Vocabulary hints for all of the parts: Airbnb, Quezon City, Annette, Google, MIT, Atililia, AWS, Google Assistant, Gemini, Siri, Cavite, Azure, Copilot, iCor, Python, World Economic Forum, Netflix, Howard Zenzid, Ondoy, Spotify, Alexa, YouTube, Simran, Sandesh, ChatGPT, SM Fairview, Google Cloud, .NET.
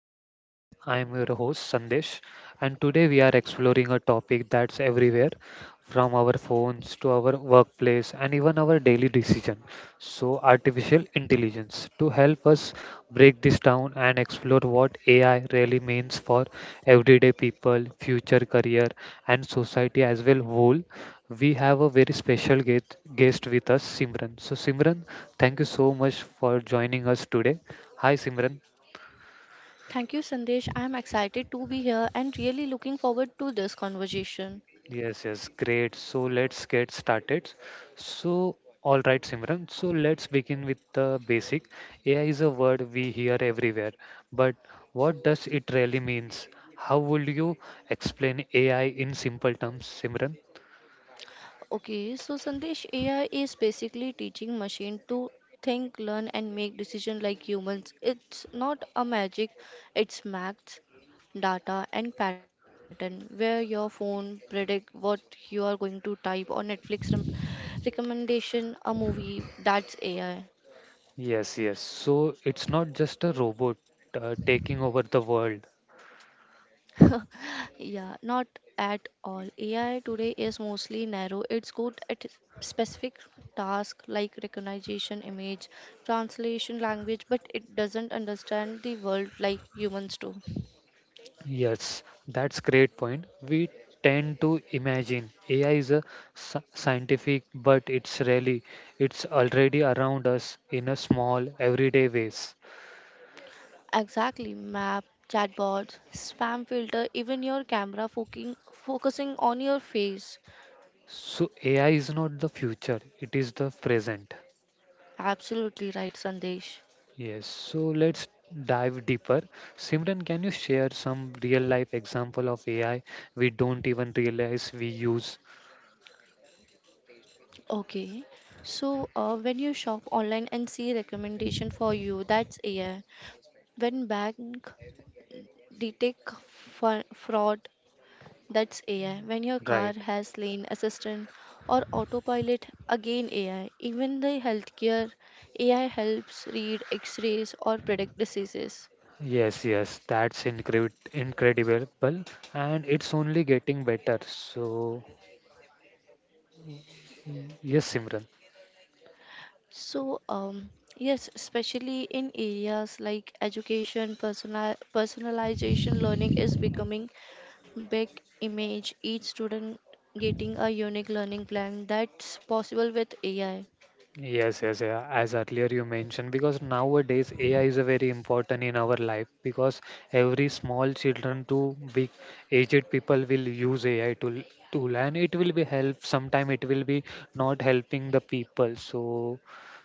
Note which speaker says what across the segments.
Speaker 1: podcast. I am your host Sandesh, and today we are exploring a topic that's everywhere from our phones to our workplace and even our daily decision. So, artificial intelligence. To help us break this down and explore what AI really means for everyday people, future career, and society as well whole, we have a very special guest with us, Simran. So, Simran, thank you so much for joining us today. Hi, Simran.
Speaker 2: Thank you, Sandesh. I'm excited to be here and really looking forward to this conversation.
Speaker 1: Yes, yes, great. So, let's get started. So, all right, Simran. So, let's begin with the basic. AI is a word we hear everywhere, but what does it really means? How would you explain AI in simple terms, Simran?
Speaker 2: Okay, so Sandesh, AI is basically teaching machine to think, learn, and make decision like humans. It's not a magic, it's maths, data, and pattern where your phone predict what you are going to type or Netflix recommendation a movie. That's AI.
Speaker 1: Yes, yes. So it's not just a robot taking over the world.
Speaker 2: Yeah, not at all. AI today is mostly narrow. It's good at specific tasks like recognition, image, translation, language, but it doesn't understand the world like humans do.
Speaker 1: Yes, that's great point. We tend to imagine AI is a scientific, but it's really it's already around us in a small everyday ways.
Speaker 2: Exactly, map, chatbots, spam filter, even your camera focusing on your face.
Speaker 1: So AI is not the future, it is the present.
Speaker 2: Absolutely right, Sandesh.
Speaker 1: Yes, so let's dive deeper. Simran, can you share some real life example of AI we don't even realize we use?
Speaker 2: Okay. So, when you shop online and see recommendation for you, that's AI. When bank detect fraud, that's AI. When your car
Speaker 1: Right.
Speaker 2: has lane assistant or autopilot, again AI. Even the healthcare, AI helps read x-rays or predict diseases.
Speaker 1: Yes, yes, that's incredible, and it's only getting better. So, yes, Simran.
Speaker 2: So yes, especially in areas like education, personalization learning is becoming big. Image each student getting a unique learning plan, that's possible with AI.
Speaker 1: Yes, yes, yeah. As earlier you mentioned, because nowadays AI is a very important in our life because every small children to big aged people will use AI tool and it will be help. Sometime it will be not helping the people. So,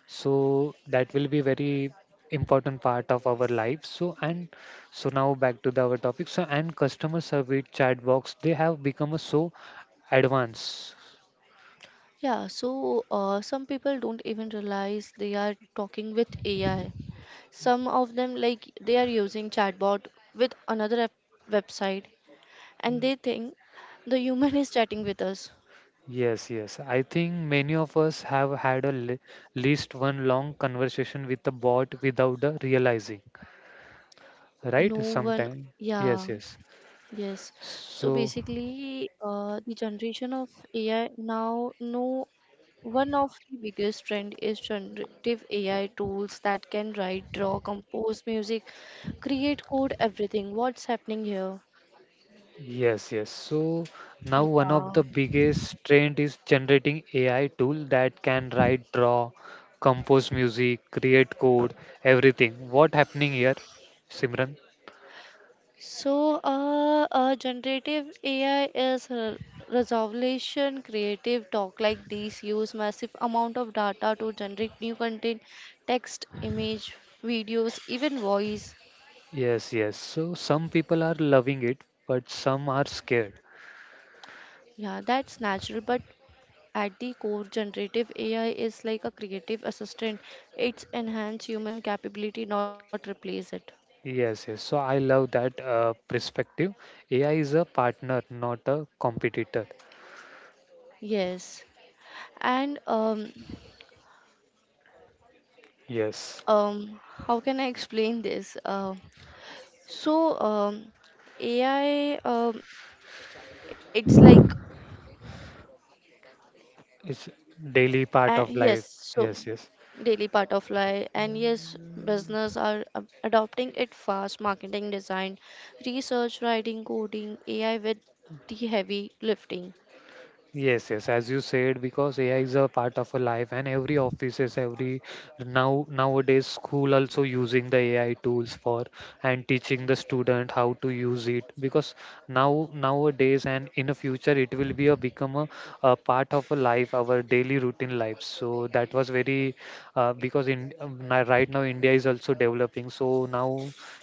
Speaker 1: so that will be very important part of our life. So and so now back to our topic. So and customer service chat box they have become a so advanced.
Speaker 2: Yeah, so some people don't even realize they are talking with AI. Some of them, like, they are using chatbot with another website, and they think the human is chatting with us.
Speaker 1: Yes, yes. I think many of us have had a least one long conversation with a bot without realizing, right?
Speaker 2: No one,
Speaker 1: Sometime. Yes,
Speaker 2: yeah,
Speaker 1: yes.
Speaker 2: yes. So
Speaker 1: So,
Speaker 2: basically, the generation of AI now, no one of the biggest trend is generative AI tools that can write, draw, compose music, create code, everything. What's happening here?
Speaker 1: yes, yes. So now one
Speaker 2: Yeah.
Speaker 1: of the biggest trend is generating AI tool that can write, draw, compose music, create code, everything. What happening here, Simran?
Speaker 2: So, generative AI is a resolution creative talk like these use massive amount of data to generate new content, text, image, videos, even voice.
Speaker 1: Yes, yes. So some people are loving it, but some are scared.
Speaker 2: Yeah, that's natural, but at the core, generative AI is like a creative assistant. It's enhance human capability, not replace it.
Speaker 1: Yes, yes. So I love that perspective. AI is a partner, not a competitor.
Speaker 2: Yes, and
Speaker 1: Yes.
Speaker 2: how can I explain this? So, AI, it's like,
Speaker 1: It's daily part of
Speaker 2: yes,
Speaker 1: life.
Speaker 2: so
Speaker 1: Yes, yes.
Speaker 2: daily part of life, and yes, business are adopting it fast. Marketing, design, research, writing, coding, AI with the heavy lifting.
Speaker 1: Yes, yes, as you said, because AI is a part of a life, and every offices, every now nowadays school also using the AI tools for and teaching the student how to use it. Because now nowadays and in the future, it will be a become a part of a life, our daily routine life. So that was very because in right now India is also developing. So now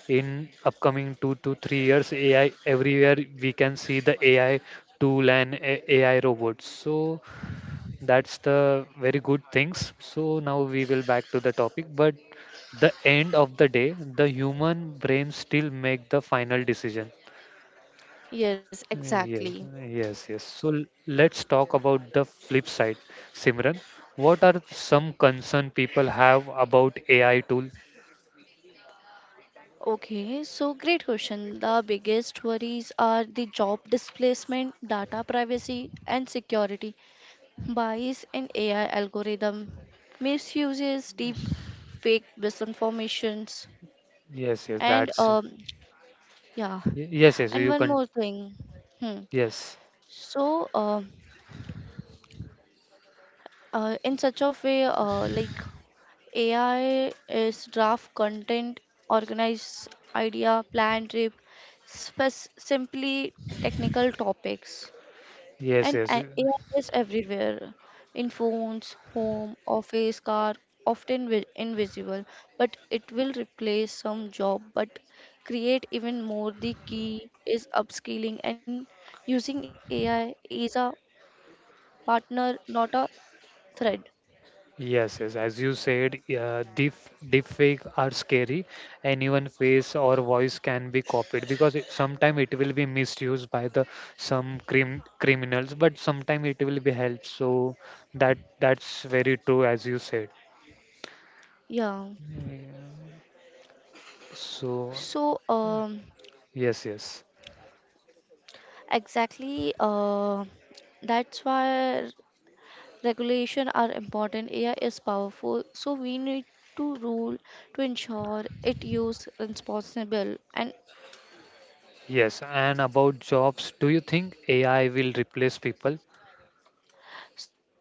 Speaker 1: in upcoming 2 to 3 years, AI everywhere we can see the AI tool and AI robots. So that's the very good things. So now we will back to the topic. But the end of the day, the human brain still make the final decision.
Speaker 2: Yes,
Speaker 1: Yes,
Speaker 2: exactly.
Speaker 1: yes, yes. So let's talk about the flip side. Simran, what are some concern people have about AI tool?
Speaker 2: Okay, so great question. The biggest worries are the job displacement, data privacy, and security, bias in AI algorithm, misuses, deep fake misinformations,
Speaker 1: Yes, yes,
Speaker 2: and
Speaker 1: that's
Speaker 2: yeah,
Speaker 1: yes, yes.
Speaker 2: and
Speaker 1: You
Speaker 2: one
Speaker 1: can
Speaker 2: more thing. Hmm.
Speaker 1: yes,
Speaker 2: So, in such a way, like AI is draft content, organize idea, plan trip, simply technical topics.
Speaker 1: yes,
Speaker 2: And
Speaker 1: yes.
Speaker 2: AI is everywhere in phones, home, office, car, often invisible, but it will replace some job but create even more. The key is upskilling and using AI is a partner, not a threat.
Speaker 1: Yes, yes, as you said, deep deepfake are scary. Anyone face or voice can be copied because it, sometime it will be misused by the some criminals, but sometime it will be helped. So that that's very true as you said.
Speaker 2: Yeah.
Speaker 1: Yeah. So
Speaker 2: So,
Speaker 1: yes, yes,
Speaker 2: exactly, that's why regulation are important. AI is powerful, so we need to rule to ensure it use responsible. And
Speaker 1: yes. And about jobs, do you think AI will replace people?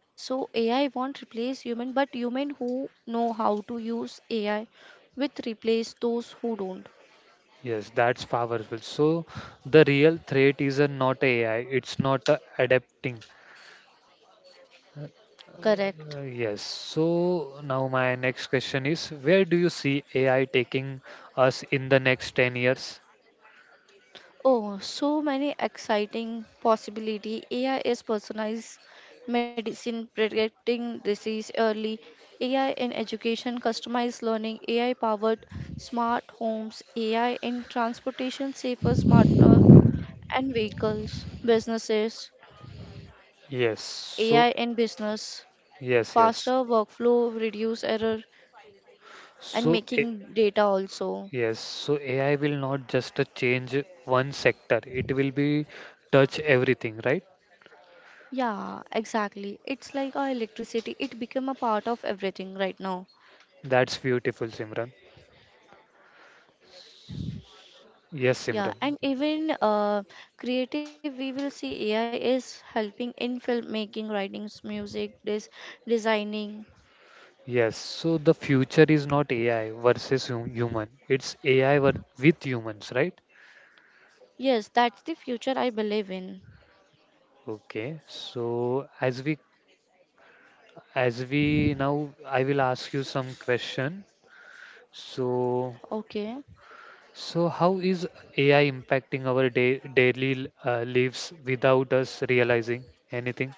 Speaker 2: so AI won't replace human, but human who know how to use AI will replace those who don't.
Speaker 1: Yes, that's powerful. So the real threat is a not AI. It's not a adapting.
Speaker 2: Correct.
Speaker 1: Yes. So now my next question is, where do you see AI taking us in the next 10 years?
Speaker 2: Oh, so many exciting possibility. AI is personalized medicine, predicting disease early, AI in education, customized learning, AI powered smart homes, AI in transportation, safer, smarter and vehicles, businesses,
Speaker 1: Yes. So
Speaker 2: AI in business,
Speaker 1: yes, yes.
Speaker 2: faster workflow, reduce error, and
Speaker 1: So
Speaker 2: making data also.
Speaker 1: yes, so AI will not just change one sector. It will be touch everything, right?
Speaker 2: Yeah, exactly. It's like our electricity. It become a part of everything right now.
Speaker 1: That's beautiful, Simran. Yes,
Speaker 2: Yeah,
Speaker 1: Simran.
Speaker 2: and even creative, we will see AI is helping in filmmaking, writings, music, this designing.
Speaker 1: Yes. So the future is not AI versus human. It's with humans, right?
Speaker 2: Yes, that's the future I believe in.
Speaker 1: Okay, so as we As we now, I will ask you some question. So,
Speaker 2: Okay,
Speaker 1: so how is AI impacting our day, daily lives without us realizing anything?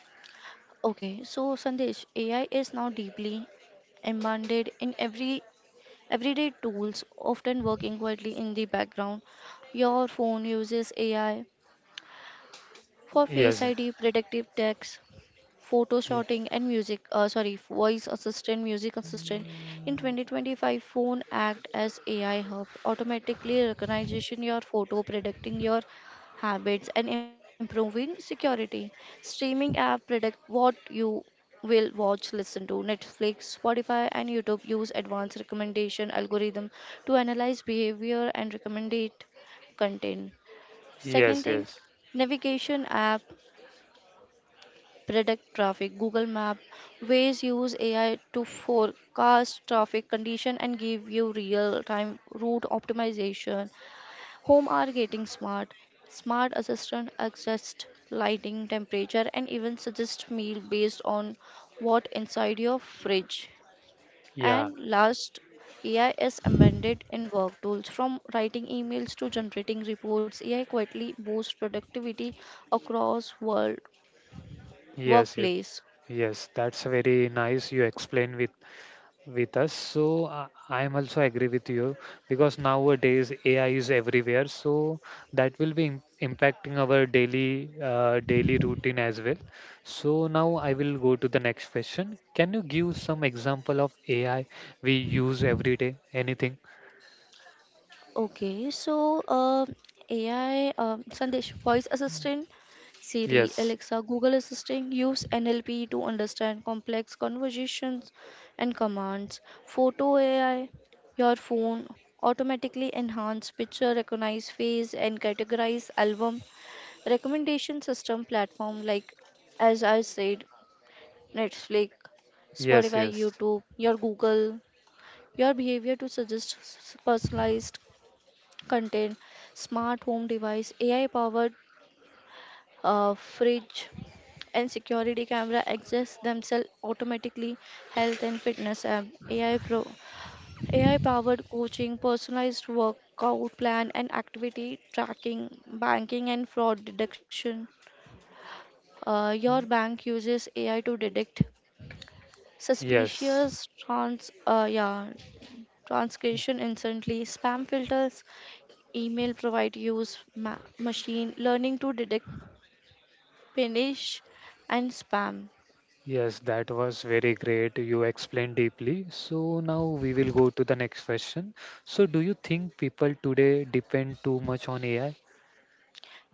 Speaker 2: okay. So Sandesh, AI is now deeply embedded in everyday tools, often working quietly in the background. Your phone uses AI for Face
Speaker 1: Yes,
Speaker 2: ID, predictive text, photo
Speaker 1: y-
Speaker 2: shooting, and music, sorry, voice assistant, music assistant. In 2025, phone act as AI hub, automatically recognition your photo, predicting your habits and improving security. Streaming app predict what you will watch, listen to. Netflix, Spotify, and YouTube use advanced recommendation algorithm to analyze behavior and recommendate content. Second
Speaker 1: yes,
Speaker 2: thing,
Speaker 1: yes,
Speaker 2: navigation app predict traffic. Google Map ways use AI to forecast traffic condition and give you real-time route optimization. Home are getting smart. Smart assistant adjust lighting, temperature, and even suggest meal based on what inside your fridge.
Speaker 1: yeah,
Speaker 2: And last, AI is embedded in work tools from writing emails to generating reports. AI quietly boosts productivity across world
Speaker 1: yes, yes,
Speaker 2: workplace.
Speaker 1: yes. That's very nice. You explain with us. So I am also agree with you because nowadays AI is everywhere. So that will be impacting our daily daily routine as well. So now I will go to the next question. Can you give some example of AI we use every day? Anything?
Speaker 2: Okay, so AI, Sandesh, voice assistant, Siri,
Speaker 1: Yes.
Speaker 2: Alexa, Google Assistant use NLP to understand complex conversations and commands. Photo AI, your phone automatically enhance picture, recognize face, and categorize album. Recommendation system platform like, as I said, Netflix,
Speaker 1: Yes.
Speaker 2: Spotify,
Speaker 1: Yes.
Speaker 2: YouTube, your Google, your behavior to suggest personalized contain smart home device, AI powered fridge, and security camera access themselves automatically. Health and fitness app, AI powered coaching, personalized workout plan and activity tracking, banking and fraud detection. Your bank uses AI to detect
Speaker 1: Yes.
Speaker 2: suspicious trans yeah, transcription instantly. Spam filters, email provide use machine learning to detect punish and spam.
Speaker 1: Yes, that was very great. You explained deeply. So now we will go to the next question. So do you think people today depend too much on AI?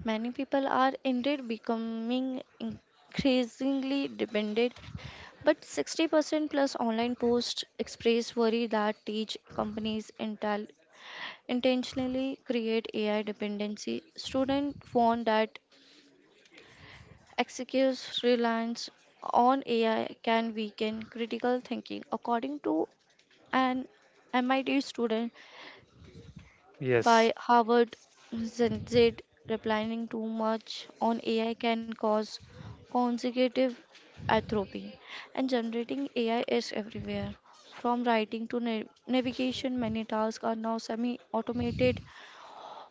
Speaker 2: Many people are indeed becoming increasingly dependent, but 60% plus online posts express worry that teach companies intentionally create AI dependency. Students warn that excessive reliance on AI can weaken critical thinking, according to an MIT student
Speaker 1: Yes,
Speaker 2: by Howard Zenzid, replying too much on AI can cause consecutive atrophy. And generating AI is everywhere. From writing to navigation, many tasks are now semi automated,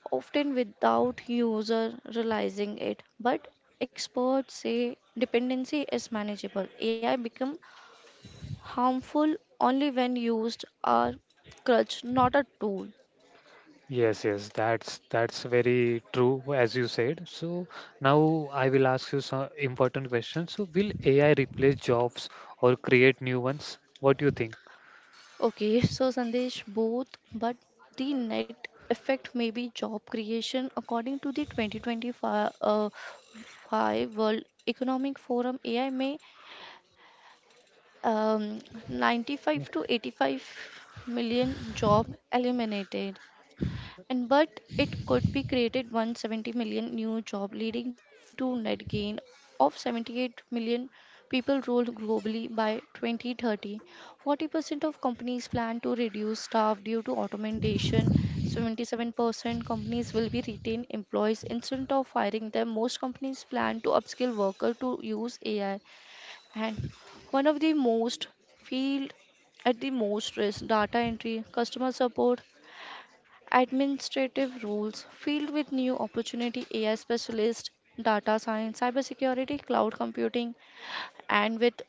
Speaker 2: often without user realizing it. But experts say dependency is manageable. AI become harmful only when used as crutch, not a tool.
Speaker 1: yes, yes. That's very true as you said. So now I will ask you some important questions. So will AI replace jobs or create new ones? What do you think?
Speaker 2: Okay, so Sandesh, both, but the net effect may be job creation. According to the 2025 five World Economic Forum, AI may um, 95
Speaker 1: Ye-
Speaker 2: to 85 million job eliminated, and but it could be created 170 million new job, leading to net gain of 78 million people role globally by 2030. 40% of companies plan to reduce staff due to automation. 77% companies will be retain employees instead of firing them. Most companies plan to upskill worker to use AI. And one of the most field at the most risk, data entry, customer support, administrative roles filled with new opportunity, AI specialist, data science, cybersecurity, cloud computing, and with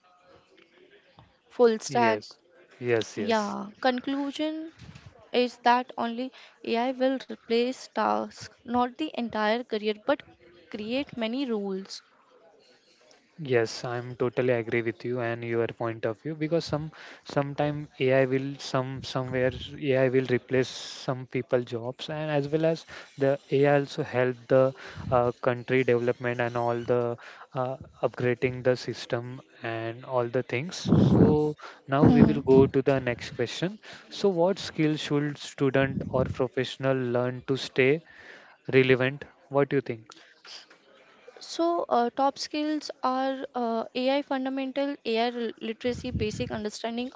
Speaker 2: full stack.
Speaker 1: Yes, yes, yes.
Speaker 2: Yeah, conclusion is that only AI will replace tasks, not the entire career, but create many roles.
Speaker 1: Yes, I'm totally agree with you and your point of view because some sometime AI will some somewhere AI will replace some people jobs and as well as the AI also help the country development and all the uh, upgrading the system and all the things. So now we will go
Speaker 2: Hmm.
Speaker 1: to the next question. So what skill should student or professional learn to stay relevant? What do you think?
Speaker 2: So, top skills are AI fundamental, AI literacy, basic understanding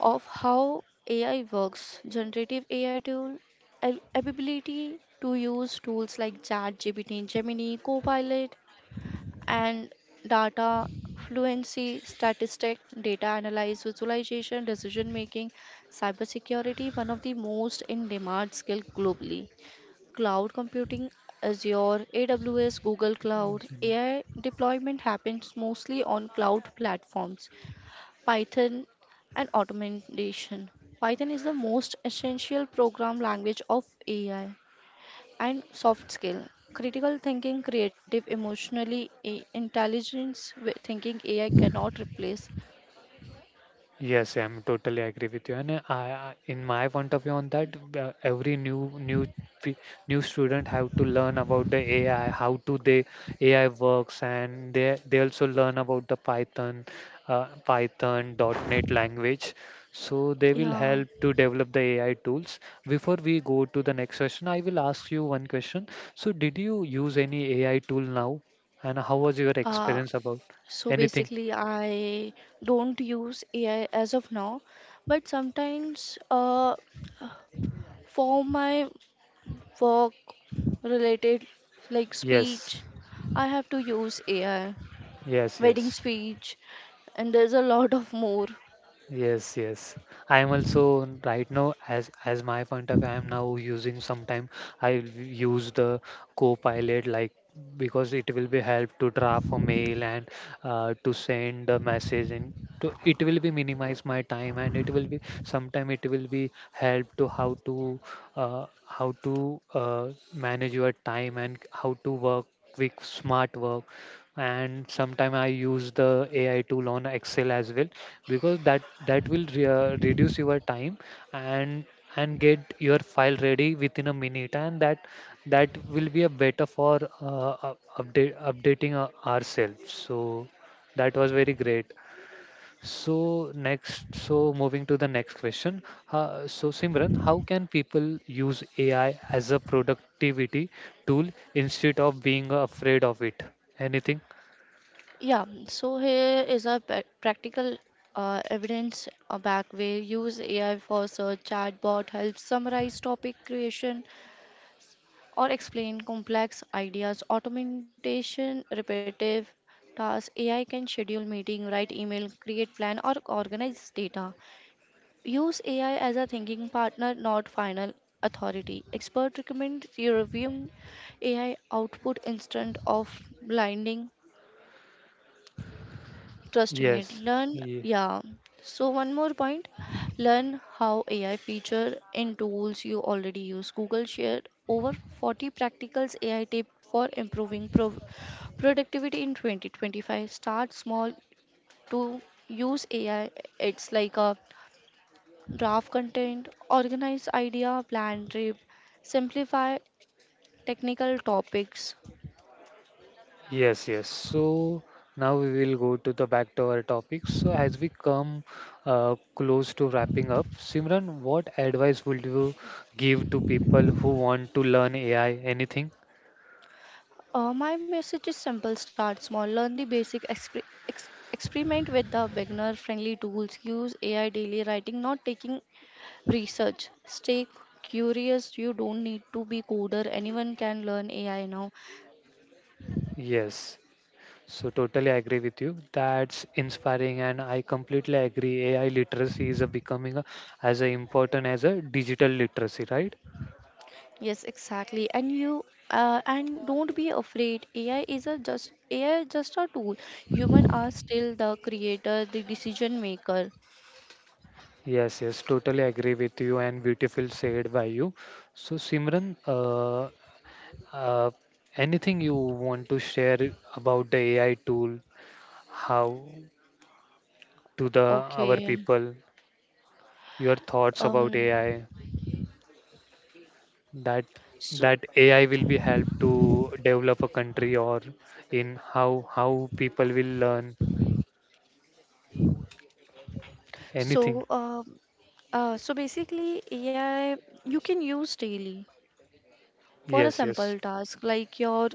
Speaker 2: of how AI works, generative AI tool, ability to use tools like ChatGPT, Gemini, Copilot, and data fluency, statistic, data analysis, visualization, decision making, cybersecurity, one of the most in demand skill globally. Cloud computing, Azure, AWS, Google Cloud, AI deployment happens mostly on cloud platforms. Python and automation. Python is the most essential program language of AI and soft skill. Critical thinking, creative, emotionally intelligence thinking AI cannot replace.
Speaker 1: Yes, I'm totally agree with you. And in my point of view on that, every new new pe- new student have to learn about the AI, how to the AI works, and they also learn about the Python, Python dot .NET language. So they will
Speaker 2: Yeah.
Speaker 1: help to develop the AI tools. Before we go to the next question, I will ask you one question. So did you use any AI tool now, and how was your
Speaker 2: Uh,
Speaker 1: experience about
Speaker 2: so
Speaker 1: anything?
Speaker 2: basically, I don't use AI as of now, but sometimes for my work related like
Speaker 1: Yes,
Speaker 2: speech, I have to use AI.
Speaker 1: yes,
Speaker 2: Wedding
Speaker 1: yes.
Speaker 2: speech, and there's a lot of more.
Speaker 1: Yes, yes. I am also right now as my point of view, I am now using sometime I use the Copilot like because it will be help to draft a mail and to send a message in to it will be minimize my time and it will be sometime it will be help to how to how to manage your time and how to work with smart work and sometime I use the AI tool on Excel as well because that that will reduce your time and and get your file ready within a minute and that that will be a better for update updating ourselves so that was very great so next so moving to the next question, so Simran how can people use AI as a productivity tool instead of being afraid of it anything?
Speaker 2: Yeah, so here is a practical evidence back where use AI for search chatbot helps summarize topic creation or explain complex ideas. Automation, repetitive tasks. AI can schedule meeting, write email, create plan, or organize data. Use AI as a thinking partner, not final authority. Expert recommend you reviewing AI output instead of blinding trusting it.
Speaker 1: Yes,
Speaker 2: Learn,
Speaker 1: ye-
Speaker 2: yeah. So one more point, learn how AI feature in tools you already use. Google shared over 40 practicals AI tips for improving productivity in 2025. Start small to use AI. It's like a draft content, organize idea, plan trip, simplify technical topics.
Speaker 1: yes, yes. So now we will go to the back to our topic. So as we come close to wrapping up, Simran, what advice would you give to people who want to learn AI? Anything?
Speaker 2: My message is simple, start small, learn the basic, experiment with the beginner friendly tools, use AI daily writing, not taking research. Stay curious, you don't need to be coder, anyone can learn AI now.
Speaker 1: Yes. So totally agree with you. That's inspiring, and I completely agree. AI literacy is a becoming a, as a important as a digital literacy, right?
Speaker 2: Yes, exactly. And you and don't be afraid. AI is just a tool. Human are still the creator, the decision maker.
Speaker 1: Yes, yes, totally agree with you and beautiful said by you. So Simran, Uh, anything you want to share about the AI tool, how to the our
Speaker 2: Okay.
Speaker 1: people, your thoughts about
Speaker 2: Um.
Speaker 1: AI, that
Speaker 2: So
Speaker 1: that AI will be help to develop a country or in how people will learn anything.
Speaker 2: so um. So basically, AI you can use daily for a
Speaker 1: Yes, yes.
Speaker 2: simple task like your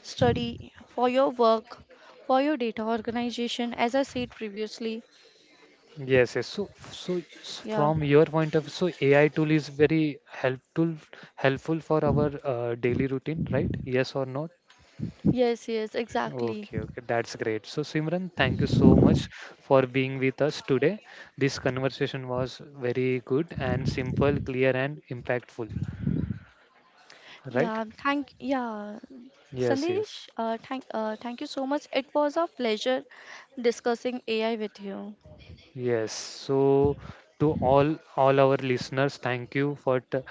Speaker 2: study, for your work, for your data organization, as I said previously.
Speaker 1: Yes, yes. So, so
Speaker 2: Yeah.
Speaker 1: from your point of view, so AI tool is very helpful helpful for our daily routine, right? Yes or not?
Speaker 2: Yes, yes, exactly.
Speaker 1: Okay, okay, that's great. So, Simran, thank you so much for being with us today. This conversation was very good and simple, clear, and impactful, right?
Speaker 2: Yeah,
Speaker 1: Yes, yes.
Speaker 2: Sandesh. Thank you so much. It was a pleasure discussing AI with you.
Speaker 1: Yes, so to all our listeners, thank you for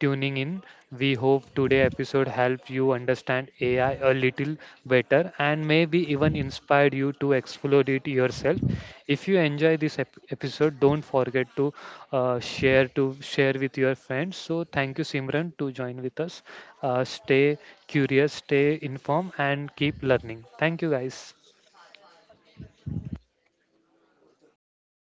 Speaker 1: tuning in. We hope today episode helped you understand AI a little better and maybe even inspired you to explore it yourself. If you enjoy this episode, don't forget to share to share with your friends. So thank you, Simran, to join with us. Stay curious, stay informed, and keep learning. Thank you, guys.